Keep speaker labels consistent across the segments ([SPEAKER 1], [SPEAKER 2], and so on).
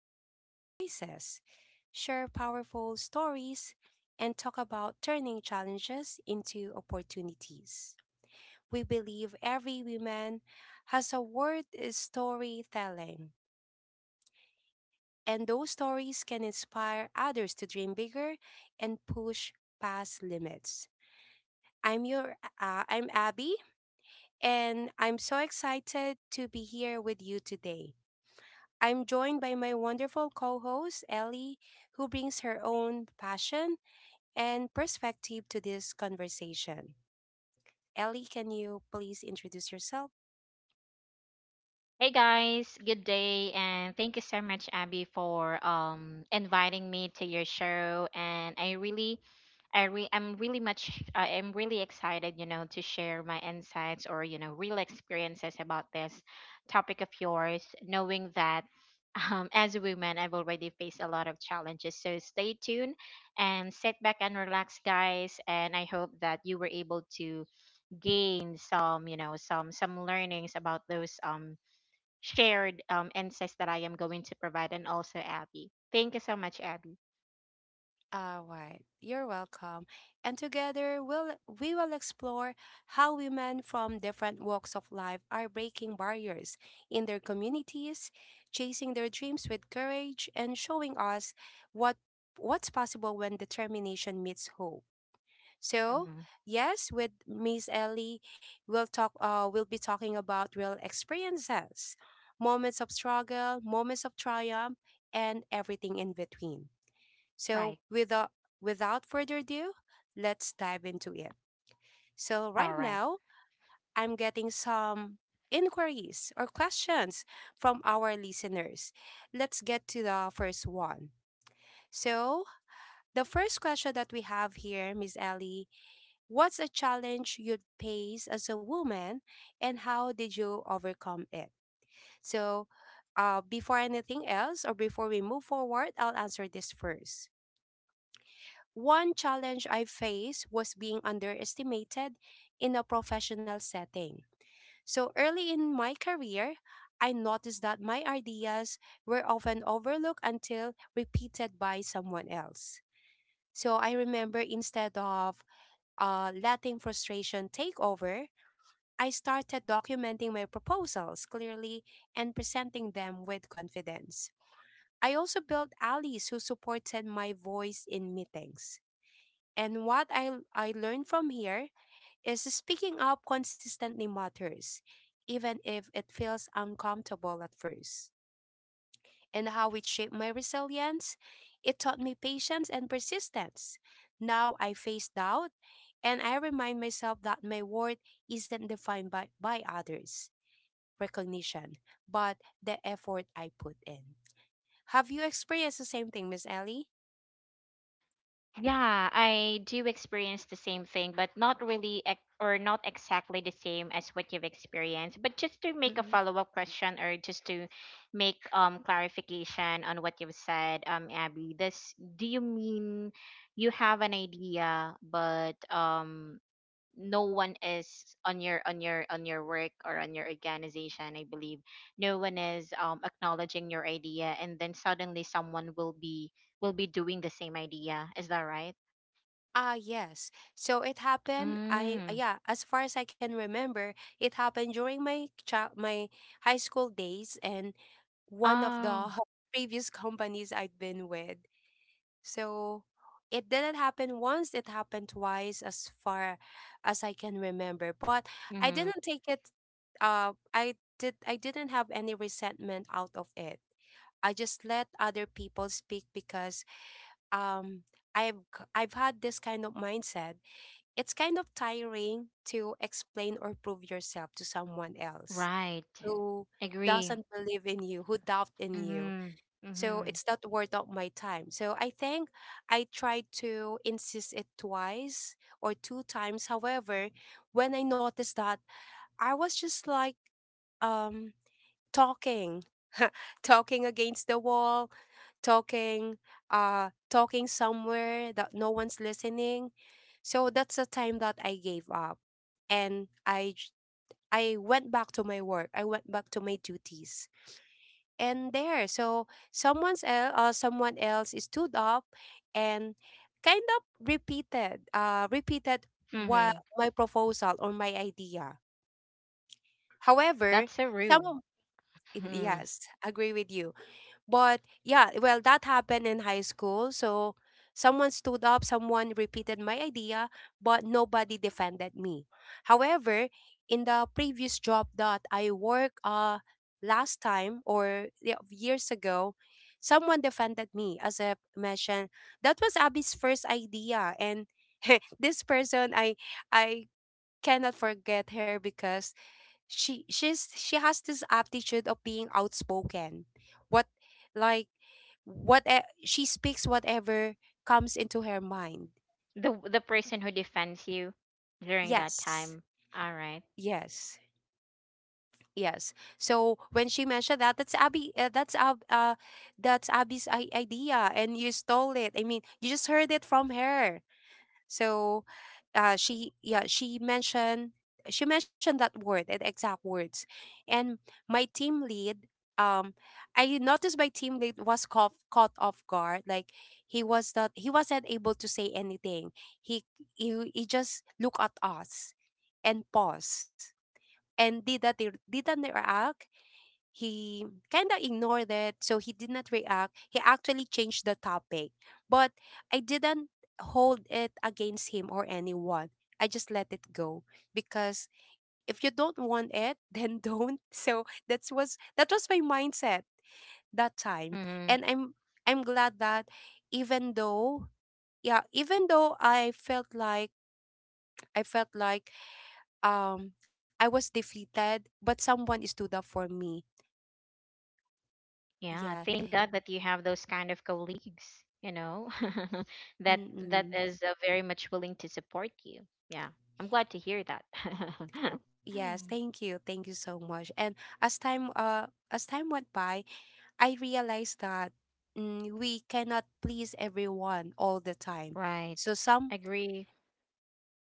[SPEAKER 1] women's voices, share powerful stories, and talk about turning challenges into opportunities. We believe every woman has a word is storytelling, and those stories can inspire others to dream bigger and push past limits. I'm Abby and I'm so excited to be here with you today. I'm joined by my wonderful co host, Ellie, who brings her own passion and perspective to this conversation. Ellie, can you please introduce yourself?
[SPEAKER 2] Hey guys, good day, and thank you so much, Abby, for inviting me to your show, and I really I re- I'm really much I am really excited, to share my insights, or real experiences, about this topic of yours, knowing that as a woman, I've already faced a lot of challenges. So stay tuned, and sit back and relax, guys, and I hope that you were able to gain some, you know, some learnings about those shared, insights that I am going to provide. And also, Abby, thank you so much, Abby.
[SPEAKER 1] All right, you're welcome. And together we will explore how women from different walks of life are breaking barriers in their communities, chasing their dreams with courage and showing us what what's possible when determination meets hope. So,
[SPEAKER 2] Mm-hmm.
[SPEAKER 1] yes, with Miss Ellie, we'll be talking about real experiences, moments of struggle, moments of triumph, and everything in between. So,
[SPEAKER 2] Right.
[SPEAKER 1] without further ado, let's dive into it. So, right
[SPEAKER 2] All right.
[SPEAKER 1] now, I'm getting some inquiries or questions from our listeners. Let's get to the first one. So, the first question that we have here, Miss Ellie, what's a challenge you'd face as a woman and how did you overcome it? So, before anything else or before we move forward, I'll answer this first. One challenge I faced was being underestimated in a professional setting. So early in my career, I noticed that my ideas were often overlooked until repeated by someone else. So I remember instead of letting frustration take over, I started documenting my proposals clearly and presenting them with confidence. I also built allies who supported my voice in meetings. And what I learned from here is speaking up consistently matters, even if it feels uncomfortable at first. And how it shaped my resilience, it taught me patience and persistence. Now I face doubt and I remind myself that my worth isn't defined by others' recognition, but the effort I put in. Have you experienced the same thing, Miss Ellie?
[SPEAKER 2] Yeah, I do experience the same thing, but not really or not exactly the same as what you've experienced. But just to make a
[SPEAKER 1] Mm-hmm.
[SPEAKER 2] follow-up question, or just to make clarification on what you've said, Abby, this do you mean you have an idea, but no one is on your on your work, or on your organization, I believe, no one is acknowledging your idea, and then suddenly someone will be doing the same idea, is that right?
[SPEAKER 1] Ah, yes. So it happened.
[SPEAKER 2] Mm.
[SPEAKER 1] As far as I can remember, it happened during my high school days, and one of
[SPEAKER 2] Oh.
[SPEAKER 1] the previous companies I'd been with. So it didn't happen once. It happened twice, as far as I can remember. But I
[SPEAKER 2] Mm-hmm.
[SPEAKER 1] didn't take it. I did. I didn't have any resentment out of it. I just let other people speak, because um I've I've had this kind of mindset. It's kind of tiring to explain or prove yourself to someone else
[SPEAKER 2] Right.
[SPEAKER 1] who
[SPEAKER 2] Agree.
[SPEAKER 1] doesn't believe in you, who doubt in you.
[SPEAKER 2] Mm-hmm.
[SPEAKER 1] So
[SPEAKER 2] Mm-hmm.
[SPEAKER 1] it's not worth of my time. So I think I tried to insist it twice or two times. However, when I noticed that I was just like um talking, talking against the wall, talking talking somewhere that no one's listening, so that's the time that I gave up and I went back to my work, I went back to my duties. And there, so someone else stood up and kind of repeated what
[SPEAKER 2] Mm-hmm.
[SPEAKER 1] my proposal or my idea. However,
[SPEAKER 2] That's so rude.
[SPEAKER 1] some
[SPEAKER 2] Mhm.
[SPEAKER 1] yes, agree with you. But yeah, well, that happened in high school. So someone stood up, someone repeated my idea, but nobody defended me. However, in the previous job that I worked last time, or yeah, years ago, someone defended me. As I mentioned, that was Abby's first idea. And this person, I cannot forget her, because she has this aptitude of being outspoken. What like what e- She speaks whatever comes into her mind.
[SPEAKER 2] The person who defends you during that
[SPEAKER 1] Yes.
[SPEAKER 2] time? All right.
[SPEAKER 1] Yes. Yes, so when she mentioned that that's Abby's idea and you stole it, I mean you just heard it from her. So, uh, she yeah she mentioned she mentioned that word, the exact words. And my team lead, um, I noticed my team lead was caught off guard. Like, he was not, he wasn't able to say anything. He he, he just looked at us and paused and didn't react. He kind of ignored it. So he did not react, he actually changed the topic. But I didn't hold it against him or anyone. I just let it go, because if you don't want it then don't. So that was my mindset that time. And I'm glad that, even though, yeah, even though I felt like I was defeated, but someone stood up for me.
[SPEAKER 2] Yeah,
[SPEAKER 1] Yeah.
[SPEAKER 2] thank God that you have those kind of colleagues, that that
[SPEAKER 1] Mm-mm.
[SPEAKER 2] is very much willing to support you. Yeah, I'm glad to hear that.
[SPEAKER 1] Yes, thank you. Thank you so much. And as time uh as time went by, I realized that, we cannot please everyone all the time. So
[SPEAKER 2] Right.
[SPEAKER 1] some,
[SPEAKER 2] Agree.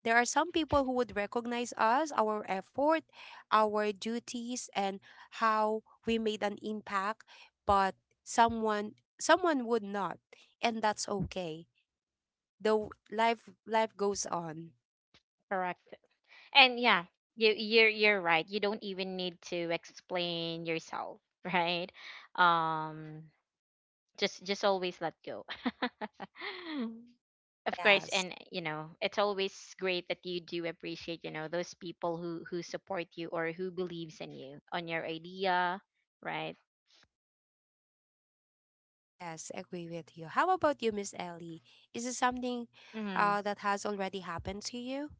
[SPEAKER 1] there are some people who would recognize us, our effort, our duties and how we made an impact, but someone would not, and that's okay. The life goes on.
[SPEAKER 2] Correct. And yeah, you're right. You don't even need to explain yourself, right? Um, just always let go. Of course.
[SPEAKER 1] Yes.
[SPEAKER 2] And it's always great that you do appreciate, those people who support you, or who believes in you on your idea, right?
[SPEAKER 1] Yes, agree with you. How about you, Miss Ellie? Is it something
[SPEAKER 2] Mhm.
[SPEAKER 1] that has already happened to you?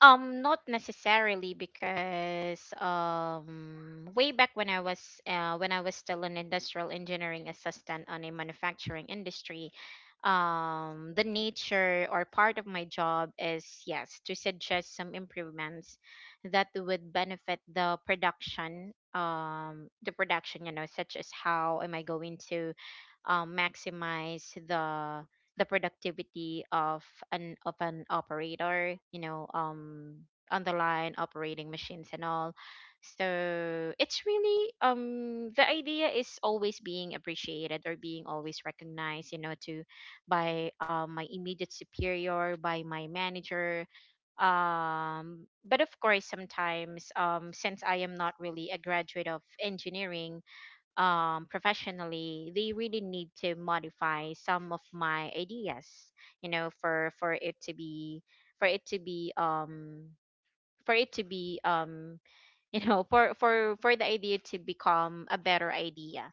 [SPEAKER 2] Not necessarily, because way back, when I was still an industrial engineering assistant on a manufacturing industry. The nature, or part of my job, is, yes, to suggest some improvements that would benefit the production, such as, how am I going to maximize the productivity of an operator, on the line, operating machines and all. So it's really, the idea is always being appreciated, or being always recognized, you know to by, my immediate superior, by my manager. But of course, sometimes, since I am not really a graduate of engineering professionally, they really need to modify some of my ideas, for it to be, for it to be um for it to be um you know for the idea to become a better idea,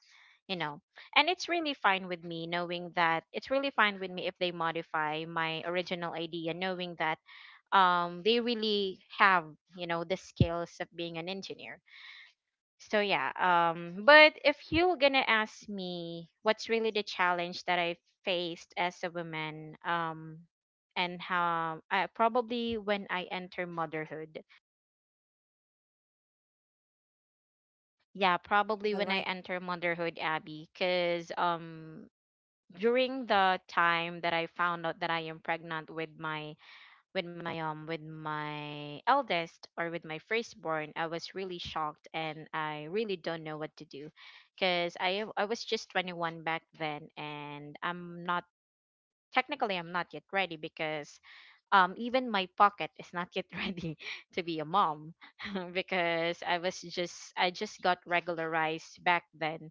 [SPEAKER 2] you know and it's really fine with me, knowing that it's really fine with me if they modify my original idea, knowing that they really have, the skills of being an engineer. So yeah, but if you're going to ask me what's really the challenge that I faced as a woman, and how? Probably when I enter motherhood. Yeah, probably
[SPEAKER 1] All
[SPEAKER 2] when I
[SPEAKER 1] right.
[SPEAKER 2] enter motherhood, Abby, cuz during the time that I found out that I am pregnant with my eldest, or with my firstborn, I was really shocked and I really don't know what to do, because I was just 21 back then, and I'm not technically I'm not yet ready, because even my pocket is not yet ready to be a mom. Because I just got regularized back then,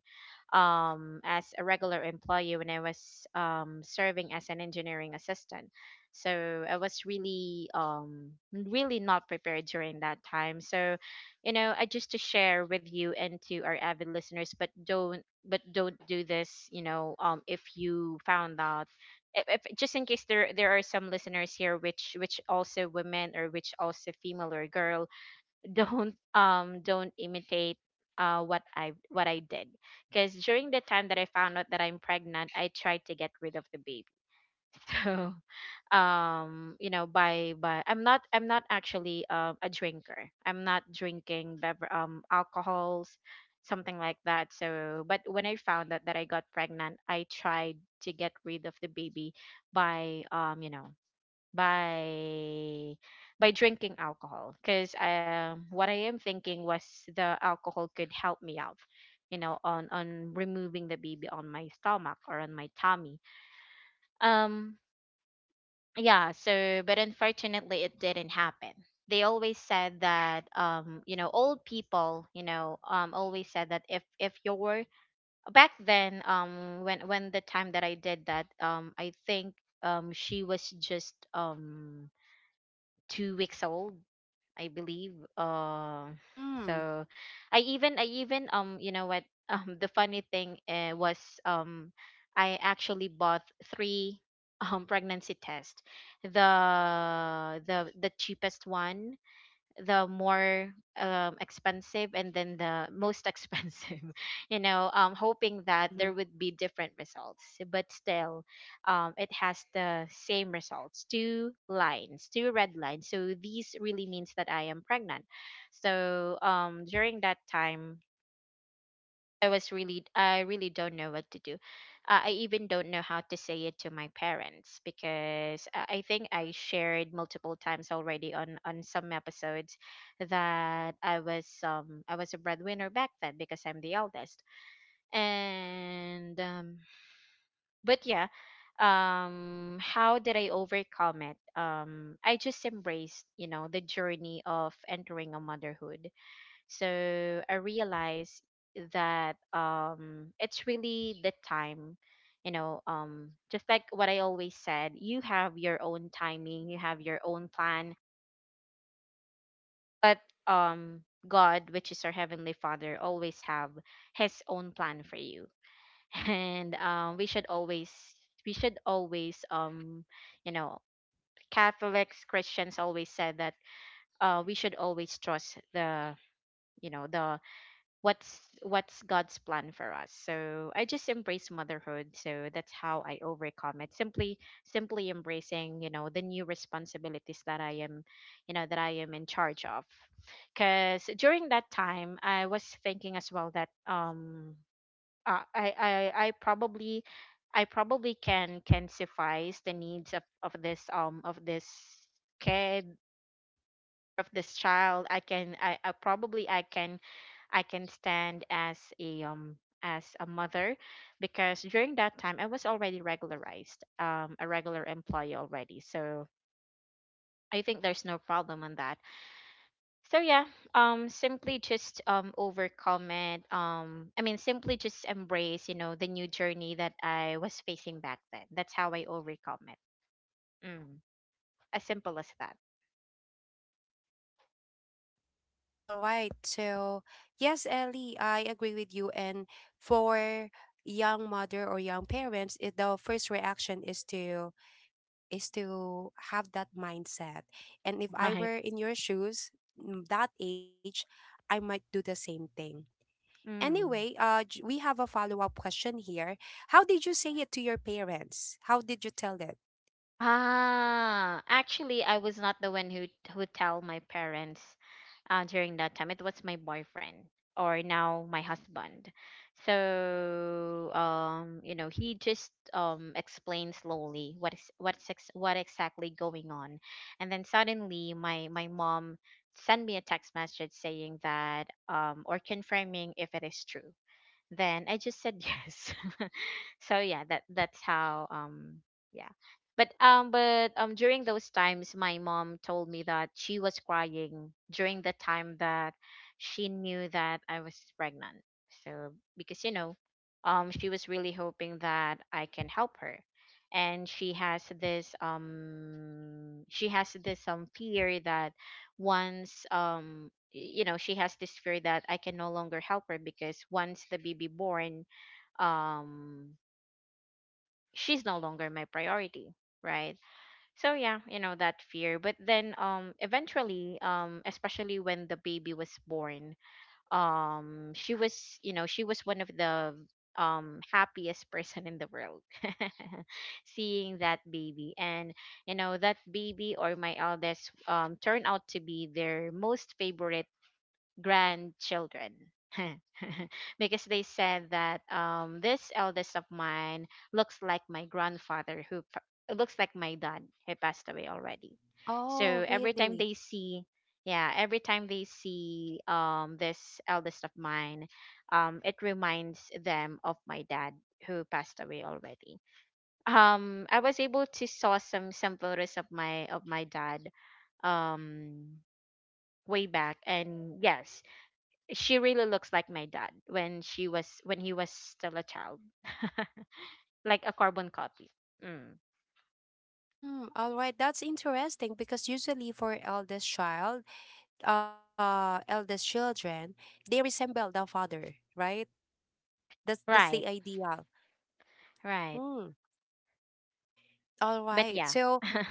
[SPEAKER 2] as a regular employee, when I was serving as an engineering assistant. So I was really not prepared during that time. So, you know I just to share with you and to our avid listeners, but don't do this, if you found out, if, just in case there are some listeners here which also women, or which also female or girl, don't imitate what I did, because during the time that I found out that I'm pregnant, I tried to get rid of the baby. So, you know by I'm not actually a drinker, I'm not drinking alcohols, something like that. So, but when I found out that I got pregnant, I tried to get rid of the baby by you know by by drinking alcohol, because what I am thinking was, the alcohol could help me out, on removing the baby on my stomach, or on my tummy. um yeah, so, but unfortunately, it didn't happen. They always said that, old people, always said that, if you're back then, when the time that I did that, I think, she was just, 2 weeks old, I believe.
[SPEAKER 1] Mm.
[SPEAKER 2] So, I even you know what, the funny thing, was, um I actually bought three pregnancy tests. The cheapest one, the more expensive, and then the most expensive, hoping that there would be different results, but still, it has the same results, two lines, two red lines, so these really means that I am pregnant. So, during that time, I really don't know what to do. I even don't know how to say it to my parents, because I think I shared multiple times already on some episodes that I was a breadwinner back then, because I'm the eldest. And, but yeah, how did I overcome it? I just embraced, the journey of entering a motherhood. So I realized that, it's really the time, just like what I always said, you have your own timing, you have your own plan, but um, God, which is our heavenly Father, always have His own plan for you, and we should always, we should always, um, you know, Catholics, Christians always said that, we should always trust the, you know, the what's God's plan for us. So I just embrace motherhood. So that's how I overcome it. Simply embracing, the new responsibilities that I am, in charge of. Cause during that time I was thinking as well that, I probably, can suffice the needs of this kid of this child. I can stand as a, as a mother, because during that time I was already regularized, a regular employee already, so I think there's no problem on that. So yeah, simply just, overcome it. I mean, simply just embrace, the new journey that I was facing back then. That's how I overcome it. Mm. As simple as that.
[SPEAKER 1] All right. So, yes, Ellie, I agree with you. And for young mother or young parents, the first reaction is to have that mindset. And if I
[SPEAKER 2] Right.
[SPEAKER 1] were in your shoes, mm, that age, I might do the same thing. Anyway,
[SPEAKER 2] Mm.
[SPEAKER 1] we have a follow up question here. How did you say it to your parents? How did you tell it?
[SPEAKER 2] Ah, actually, I was not the one who tell my parents during that time. It was my boyfriend, or now my husband. So, he just explained slowly, what is what's ex- what exactly going on, and then suddenly my mom sent me a text message, saying that, or confirming, if it is true. Then I just said, yes. So yeah, that's how, yeah. But, during those times, my mom told me that she was crying during the time that she knew that I was pregnant. So, because, she was really hoping that I can help her. And she has this fear that, once y- you know she has this fear that I can no longer help her, because once the baby born, um she's no longer my priority, right? So yeah, you know, that fear. But then, eventually, especially when the baby was born, she was one of the happiest person in the world. Seeing that baby, and, that baby, or my eldest, turned out to be their most favorite grandchildren. Because they said that, this eldest of mine looks like my grandfather who pa- looks like my dad, who passed away already. So
[SPEAKER 1] Oh,
[SPEAKER 2] every time
[SPEAKER 1] really?
[SPEAKER 2] they see, this eldest of mine, it reminds them of my dad, who passed away already. I was able to saw some photos of my dad, um, way back, and yes, she really looks like my dad when she was when he was still a child. Like a carbon copy. Mm.
[SPEAKER 1] Mm, all right, that's interesting because usually for eldest child, eldest children, they resemble the father, right? That's the
[SPEAKER 2] right
[SPEAKER 1] ideal.
[SPEAKER 2] right.
[SPEAKER 1] Mm, all
[SPEAKER 2] But
[SPEAKER 1] right.
[SPEAKER 2] yeah.
[SPEAKER 1] So,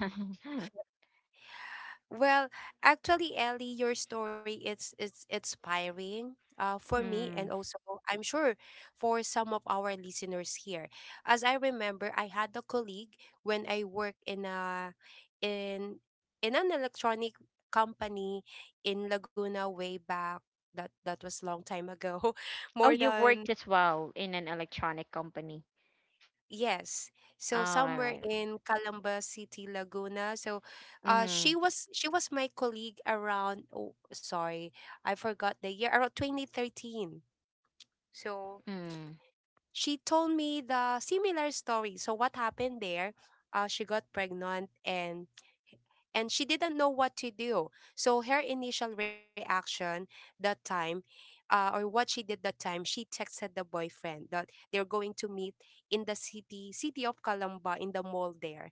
[SPEAKER 1] well, actually, Ellie, your story, it's inspiring for me, and
[SPEAKER 2] mm.
[SPEAKER 1] also I'm sure for some of our listeners here. As I remember, I had a colleague when I worked in a in in an electronic company in Laguna way back. That was long time ago,
[SPEAKER 2] Oh,
[SPEAKER 1] more
[SPEAKER 2] you've
[SPEAKER 1] than—
[SPEAKER 2] worked as well in an electronic company?
[SPEAKER 1] Yes.
[SPEAKER 2] Oh,
[SPEAKER 1] So
[SPEAKER 2] all
[SPEAKER 1] somewhere
[SPEAKER 2] right.
[SPEAKER 1] in Calamba City, Laguna. So uh she
[SPEAKER 2] Mm-hmm.
[SPEAKER 1] was she was my colleague around— oh sorry, I forgot the year, around 2013. So
[SPEAKER 2] mm.
[SPEAKER 1] she told me the similar story. So what happened there? Uh, she got pregnant and she didn't know what to do. So her initial reaction that time, or what she did that time, she texted the boyfriend that they're going to meet in the city, of Calamba, in the mall there.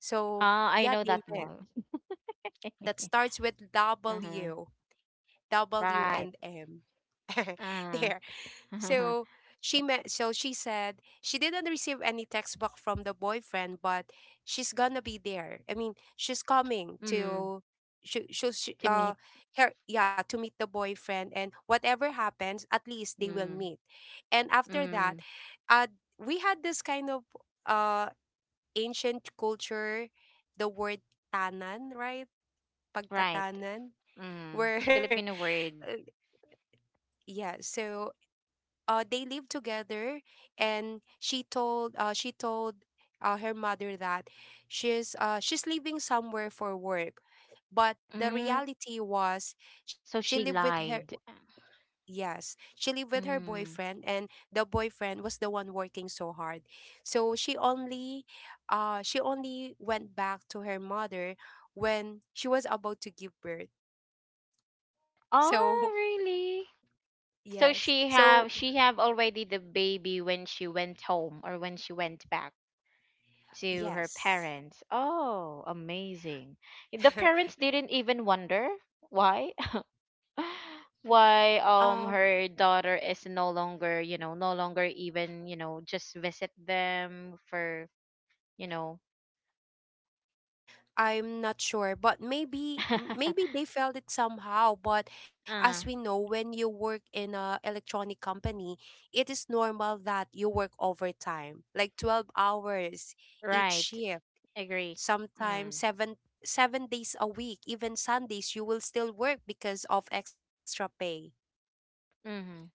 [SPEAKER 1] So
[SPEAKER 2] Oh, I
[SPEAKER 1] yeah,
[SPEAKER 2] know
[SPEAKER 1] they
[SPEAKER 2] that
[SPEAKER 1] met.
[SPEAKER 2] mall.
[SPEAKER 1] That starts with
[SPEAKER 2] uh-huh.
[SPEAKER 1] W, W and
[SPEAKER 2] Right.
[SPEAKER 1] M. there.
[SPEAKER 2] Uh-huh.
[SPEAKER 1] So she met. So she said she didn't receive any text back from the boyfriend, but she's gonna be there. I mean, she's coming
[SPEAKER 2] mm.
[SPEAKER 1] to she
[SPEAKER 2] To meet.
[SPEAKER 1] her yeah to meet the boyfriend, and whatever happens, at least they will
[SPEAKER 2] Mm.
[SPEAKER 1] meet. And after that,
[SPEAKER 2] Mm.
[SPEAKER 1] uh we had this kind of uh, ancient culture, the word tanan, right,
[SPEAKER 2] Right.
[SPEAKER 1] pagtatanan,
[SPEAKER 2] mm.
[SPEAKER 1] where,
[SPEAKER 2] Filipino word.
[SPEAKER 1] uh, yeah so they lived together. And she told her mother that she's leaving somewhere for work, but the
[SPEAKER 2] Mm.
[SPEAKER 1] reality was, she
[SPEAKER 2] So
[SPEAKER 1] lived
[SPEAKER 2] she
[SPEAKER 1] with her—
[SPEAKER 2] lied.
[SPEAKER 1] yes, she lived with her
[SPEAKER 2] Mm.
[SPEAKER 1] boyfriend, and the boyfriend was the one working so hard. So she only went back to her mother when she was about to give birth. So,
[SPEAKER 2] Oh, really? So
[SPEAKER 1] yes,
[SPEAKER 2] she
[SPEAKER 1] so
[SPEAKER 2] have already the baby when she went home, or when she went back to her
[SPEAKER 1] yes,
[SPEAKER 2] parents? Oh, amazing. The parents didn't even wonder why? why
[SPEAKER 1] um
[SPEAKER 2] her daughter is no longer, no longer even, just visit them for, you know.
[SPEAKER 1] I'm not sure, but maybe maybe they felt it somehow. But as we
[SPEAKER 2] Uh,
[SPEAKER 1] know, when you work in a electronic company, it is normal that you work overtime, like 12 hours each
[SPEAKER 2] right.
[SPEAKER 1] shift,
[SPEAKER 2] Agree.
[SPEAKER 1] sometimes
[SPEAKER 2] Mm.
[SPEAKER 1] seven days a week, even Sundays you will still work because of extra pay.
[SPEAKER 2] Mhm.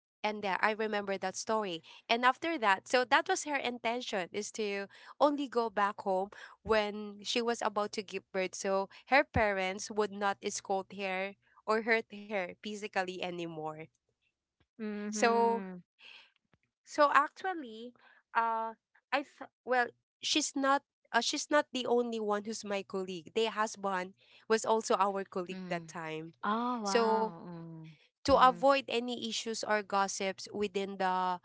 [SPEAKER 1] And I remember that story. And after that, so that was her intention, is to only go back home when she was about to give birth, so her parents would not scold her or hurt her physically anymore. So,
[SPEAKER 2] Mhm.
[SPEAKER 1] so actually, uh, well, she's not. She's not the only one who's my colleague. The husband was also our colleague
[SPEAKER 2] Mm.
[SPEAKER 1] that time.
[SPEAKER 2] Oh,
[SPEAKER 1] So
[SPEAKER 2] wow.
[SPEAKER 1] to
[SPEAKER 2] Mm.
[SPEAKER 1] avoid any issues or gossips within the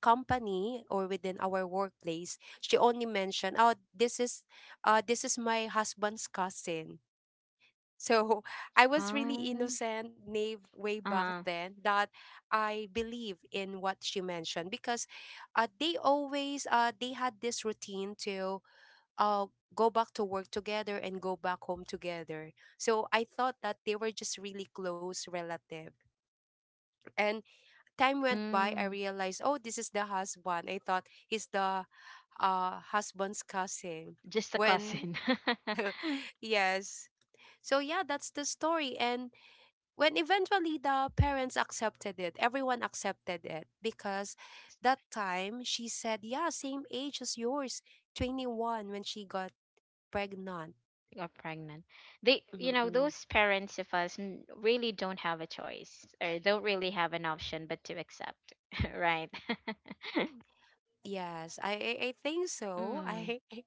[SPEAKER 1] company or within our workplace, she only mentioned, "Oh, this is my husband's cousin." So I
[SPEAKER 2] Mhm.
[SPEAKER 1] was really
[SPEAKER 2] Oh.
[SPEAKER 1] innocent, naive way back
[SPEAKER 2] Uh-huh.
[SPEAKER 1] then, that I believe in what she mentioned, because they had this routine to uh, go back to work together and go back home together. So I thought that they were just really close relative. And time went by, I
[SPEAKER 2] Mm.
[SPEAKER 1] realized, oh, this is the husband. I thought he's the husband's cousin.
[SPEAKER 2] Just a
[SPEAKER 1] When,
[SPEAKER 2] cousin.
[SPEAKER 1] yes. So, yeah, that's the story. And when eventually the parents accepted it, everyone accepted it because that time she said, yeah, same age as yours, 21 when she got pregnant.
[SPEAKER 2] Got pregnant. They, you know,
[SPEAKER 1] Mm-mm.
[SPEAKER 2] those parents of us really don't have a choice, or don't really have an option but to accept, right?
[SPEAKER 1] Yes, I think so.
[SPEAKER 2] Mm.
[SPEAKER 1] I.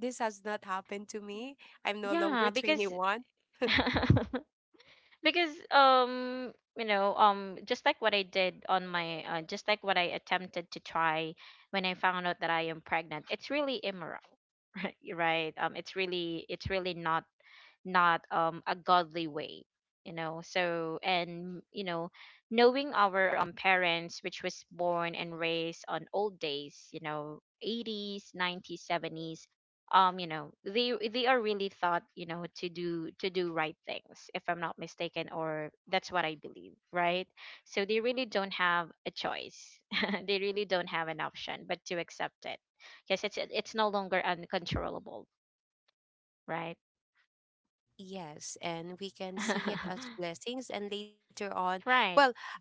[SPEAKER 1] This has not happened to me. I'm no
[SPEAKER 2] Yeah,
[SPEAKER 1] longer
[SPEAKER 2] because
[SPEAKER 1] 21.
[SPEAKER 2] because you know, just like what I did on my just like what I attempted to try when I found out that I am pregnant. It's really immoral, right? Right. It's really, it's really not a godly way, you know. So, and you know, knowing our parents, which was born and raised on old days, you know, 80s, 90s, 70s, you know, they are really thought, you know, to do right things, if I'm not mistaken, or that's what I believe, right? So they really don't have a choice. they really don't have an option but to accept it, because it's no longer uncontrollable. Right.
[SPEAKER 1] Yes, and we can see it as blessings and later on, well,
[SPEAKER 2] right.
[SPEAKER 1] I've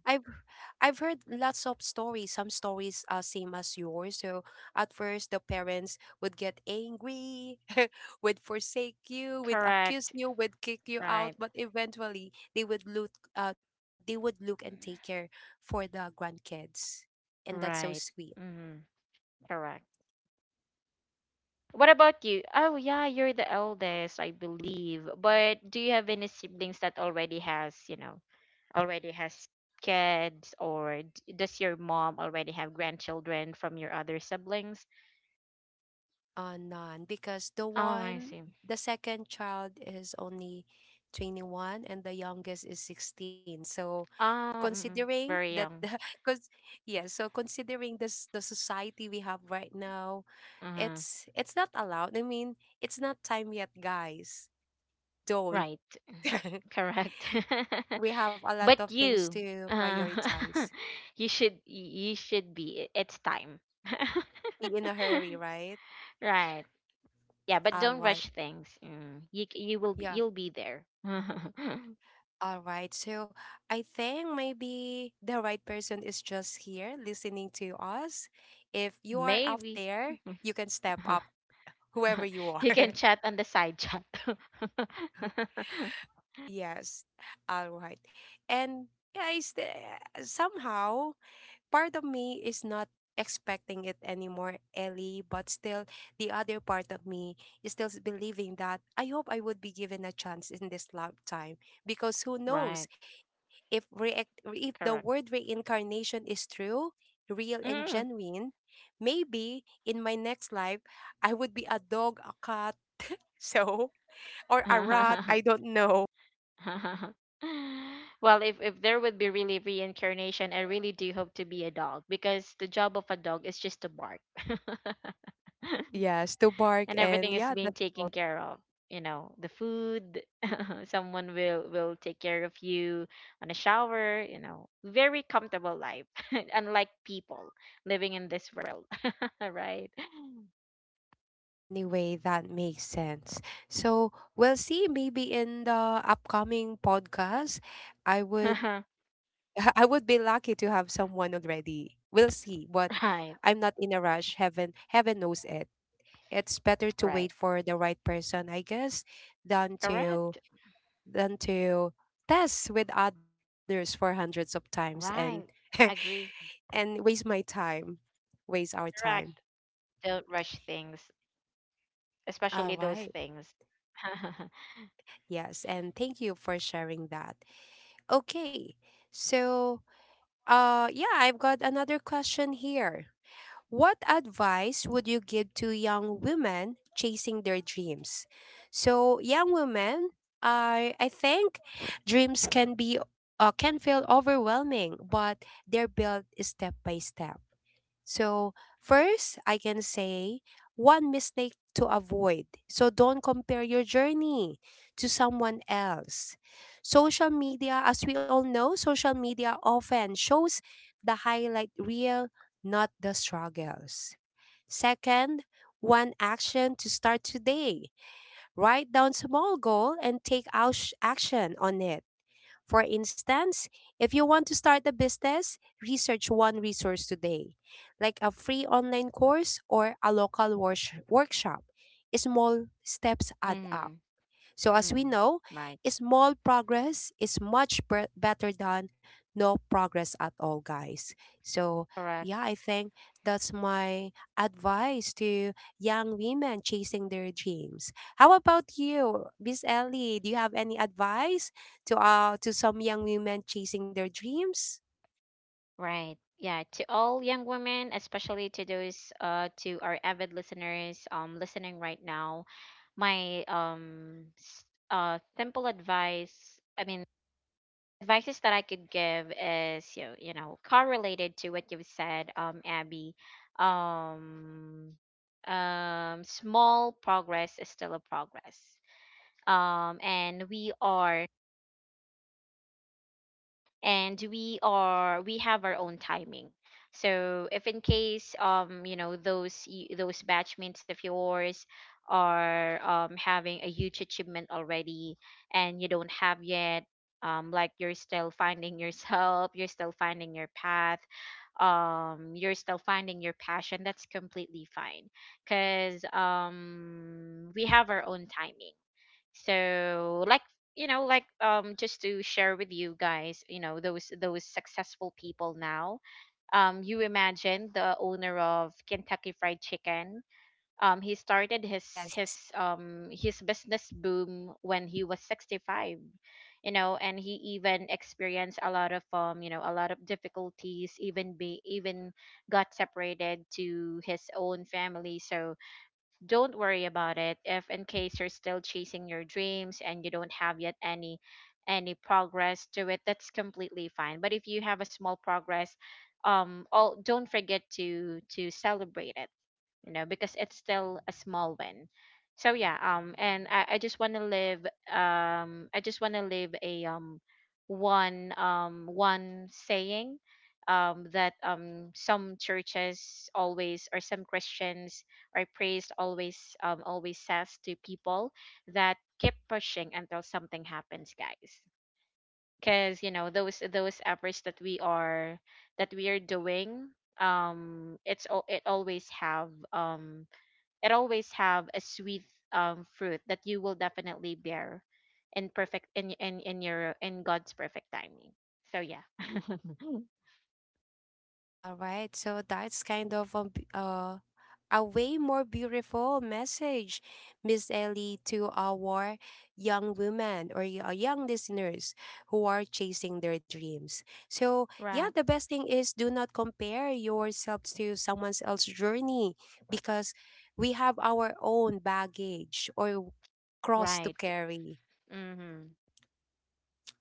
[SPEAKER 1] I've heard lots of stories. Some stories are same as yours. So at first the parents would get angry, would forsake you, would accuse
[SPEAKER 2] Correct.
[SPEAKER 1] you, would kick you out,
[SPEAKER 2] Right.
[SPEAKER 1] but eventually they would look and take care for the grandkids. And that's so
[SPEAKER 2] Right.
[SPEAKER 1] sweet.
[SPEAKER 2] Hmm. Correct. What about you? Oh, yeah, you're the eldest, I believe. But do you have any siblings that already has, you know, already has kids? Or does your mom already have grandchildren from your other siblings?
[SPEAKER 1] None, because the
[SPEAKER 2] Oh, I
[SPEAKER 1] one,
[SPEAKER 2] see.
[SPEAKER 1] the second child is only 21 and the youngest is 16. So, considering that,
[SPEAKER 2] Very young.
[SPEAKER 1] because, yeah, so considering this, the society we have right now,
[SPEAKER 2] Uh-huh.
[SPEAKER 1] it's not allowed. I mean, it's not time yet, guys. Don't.
[SPEAKER 2] Right. Correct.
[SPEAKER 1] We have a lot of
[SPEAKER 2] But
[SPEAKER 1] things
[SPEAKER 2] you,
[SPEAKER 1] to
[SPEAKER 2] uh,
[SPEAKER 1] prioritize.
[SPEAKER 2] you should be. It's time.
[SPEAKER 1] Be in a hurry, right?
[SPEAKER 2] Right. Yeah, but
[SPEAKER 1] All
[SPEAKER 2] don't
[SPEAKER 1] right.
[SPEAKER 2] rush things. Mm. You you will be
[SPEAKER 1] Yeah.
[SPEAKER 2] you'll be there.
[SPEAKER 1] All right. So I think maybe the right person is just here listening to us. If you are out
[SPEAKER 2] Maybe
[SPEAKER 1] there, you can step up, whoever you
[SPEAKER 2] you
[SPEAKER 1] are.
[SPEAKER 2] can chat on the side chat.
[SPEAKER 1] Yes. All right. And guys, the- somehow part of me is not expecting it anymore, Ellie, but still the other part of me is still believing that I hope I would be given a chance in this lifetime because who knows?
[SPEAKER 2] right.
[SPEAKER 1] If the
[SPEAKER 2] Correct.
[SPEAKER 1] word reincarnation is true, real and
[SPEAKER 2] Mm.
[SPEAKER 1] genuine, maybe in my next life I would be a dog, a cat, so or a rat, I don't know.
[SPEAKER 2] well, if there would be really reincarnation, I really do hope to be a dog, because the job of a dog is just to bark.
[SPEAKER 1] Yes, to bark
[SPEAKER 2] and
[SPEAKER 1] and
[SPEAKER 2] everything is
[SPEAKER 1] yeah,
[SPEAKER 2] being
[SPEAKER 1] that
[SPEAKER 2] taken care of, you know, the food. someone will take care of you, on a shower, you know, very comfortable life, unlike people living in this world. right.
[SPEAKER 1] anyway that makes sense. So we'll see maybe in the upcoming podcast I would I would be lucky to have someone already. We'll see, but
[SPEAKER 2] Right,
[SPEAKER 1] I'm not in a rush. Heaven knows it. It's better to wait
[SPEAKER 2] right.
[SPEAKER 1] for the right person, I guess, than to
[SPEAKER 2] Correct.
[SPEAKER 1] than to test with others for hundreds of times and
[SPEAKER 2] Right. Agree.
[SPEAKER 1] and waste my time, waste our time.
[SPEAKER 2] Correct. Don't rush things, especially
[SPEAKER 1] All
[SPEAKER 2] those
[SPEAKER 1] right.
[SPEAKER 2] things.
[SPEAKER 1] Yes, and thank you for sharing that. Okay. So, yeah, I've got another question here. What advice would you give to young women chasing their dreams? So, young women, I think dreams can be can feel overwhelming, but they're built step by step. So, first, I can say one mistake to avoid. So, don't compare your journey to someone else. Social media, as we all know, social media often shows the highlight reel, not the struggles. Second, one action to start today. Write down small goal and take out action on it. For instance, if you want to start a business, research one resource today, like a free online course or a local workshop. Small steps add up.
[SPEAKER 2] Mhm.
[SPEAKER 1] So,
[SPEAKER 2] Mm-hmm.
[SPEAKER 1] as we
[SPEAKER 2] Mm.
[SPEAKER 1] know,
[SPEAKER 2] Right.
[SPEAKER 1] small progress is much better than no progress at all, guys. So,
[SPEAKER 2] Correct.
[SPEAKER 1] yeah, I think that's my advice to young women chasing their dreams. How about you, Miss Ellie? Do you have any advice to some young women chasing their dreams?
[SPEAKER 2] Right. Yeah. To all young women, especially to those to our avid listeners listening right now, my simple advice, I mean, advices that I could give is, you know, you know, correlated to what you've said, Abby. Um Small progress is still a progress. And we have our own timing. So if in case, you know, those those batchmates of yours are having a huge achievement already, and you don't have yet, like you're still finding yourself, you're still finding your path, you're still finding your passion, that's completely fine, because we have our own timing. So like, you know, like, just to share with you guys, you know, those successful people now, you imagine the owner of Kentucky Fried Chicken, he started his
[SPEAKER 1] Yes.
[SPEAKER 2] business boom when he was 65, you know, and he even experienced a lot of, you know, a lot of difficulties, even be even got separated to his own family. So don't worry about it, if in case you're still chasing your dreams and you don't have yet any progress to it, that's completely fine. But if you have a small progress, all, don't forget to celebrate it, you know, because it's still a small win. So yeah, and I just want to live, I just want to live a, one saying, that some churches always, or some Christians or priest always, always says to people, that keep pushing until something happens, guys. Because, you know, those efforts that we are, that we are doing, it always have, it always have a sweet, fruit that you will definitely bear in perfect in your in God's perfect timing. So yeah.
[SPEAKER 1] All right, so that's kind of a way more beautiful message, Miss Ellie, to our young women or young listeners who are chasing their dreams. So, yeah,
[SPEAKER 2] Right.
[SPEAKER 1] the best thing is do not compare yourselves to someone else's journey because we have our own baggage or cross to
[SPEAKER 2] Right.
[SPEAKER 1] carry.
[SPEAKER 2] Mm-hmm.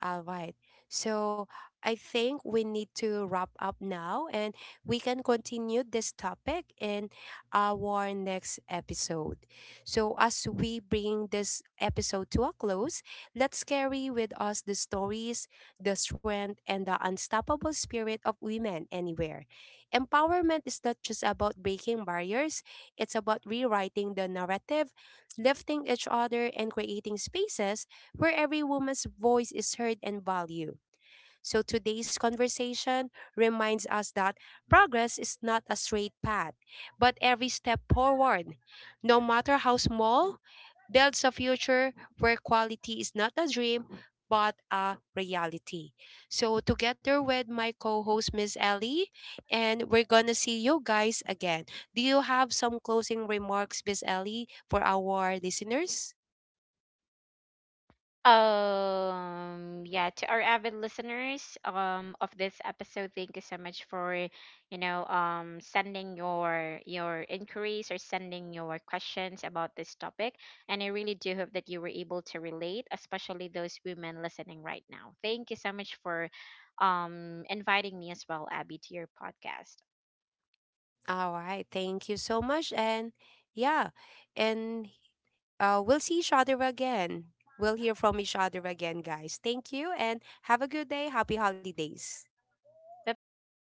[SPEAKER 1] All right. So I think we need to wrap up now and we can continue this topic in our next episode. So, as we bring this episode to a close, let's carry with us the stories, the strength, and the unstoppable spirit of women anywhere. Empowerment is not just about breaking barriers, it's about rewriting the narrative, lifting each other, and creating spaces where every woman's voice is heard and valued. So today's conversation reminds us that progress is not a straight path, but every step forward, no matter how small, builds a future where quality is not a dream but a reality. So together with my co-host Miss Ellie, and we're gonna see you guys again. Do you have some closing remarks, Miss Ellie, for our listeners?
[SPEAKER 2] Yeah, to our avid listeners of this episode, thank you so much for, you know, sending your inquiries, or sending your questions about this topic. And I really do hope that you were able to relate, especially those women listening right now. Thank you so much for inviting me as well, Abby, to your podcast.
[SPEAKER 1] All right. Thank you so much. And yeah, and we'll see each other again. We'll hear from each other again, guys. Thank you and have a good day. Happy holidays.
[SPEAKER 2] Bye-bye.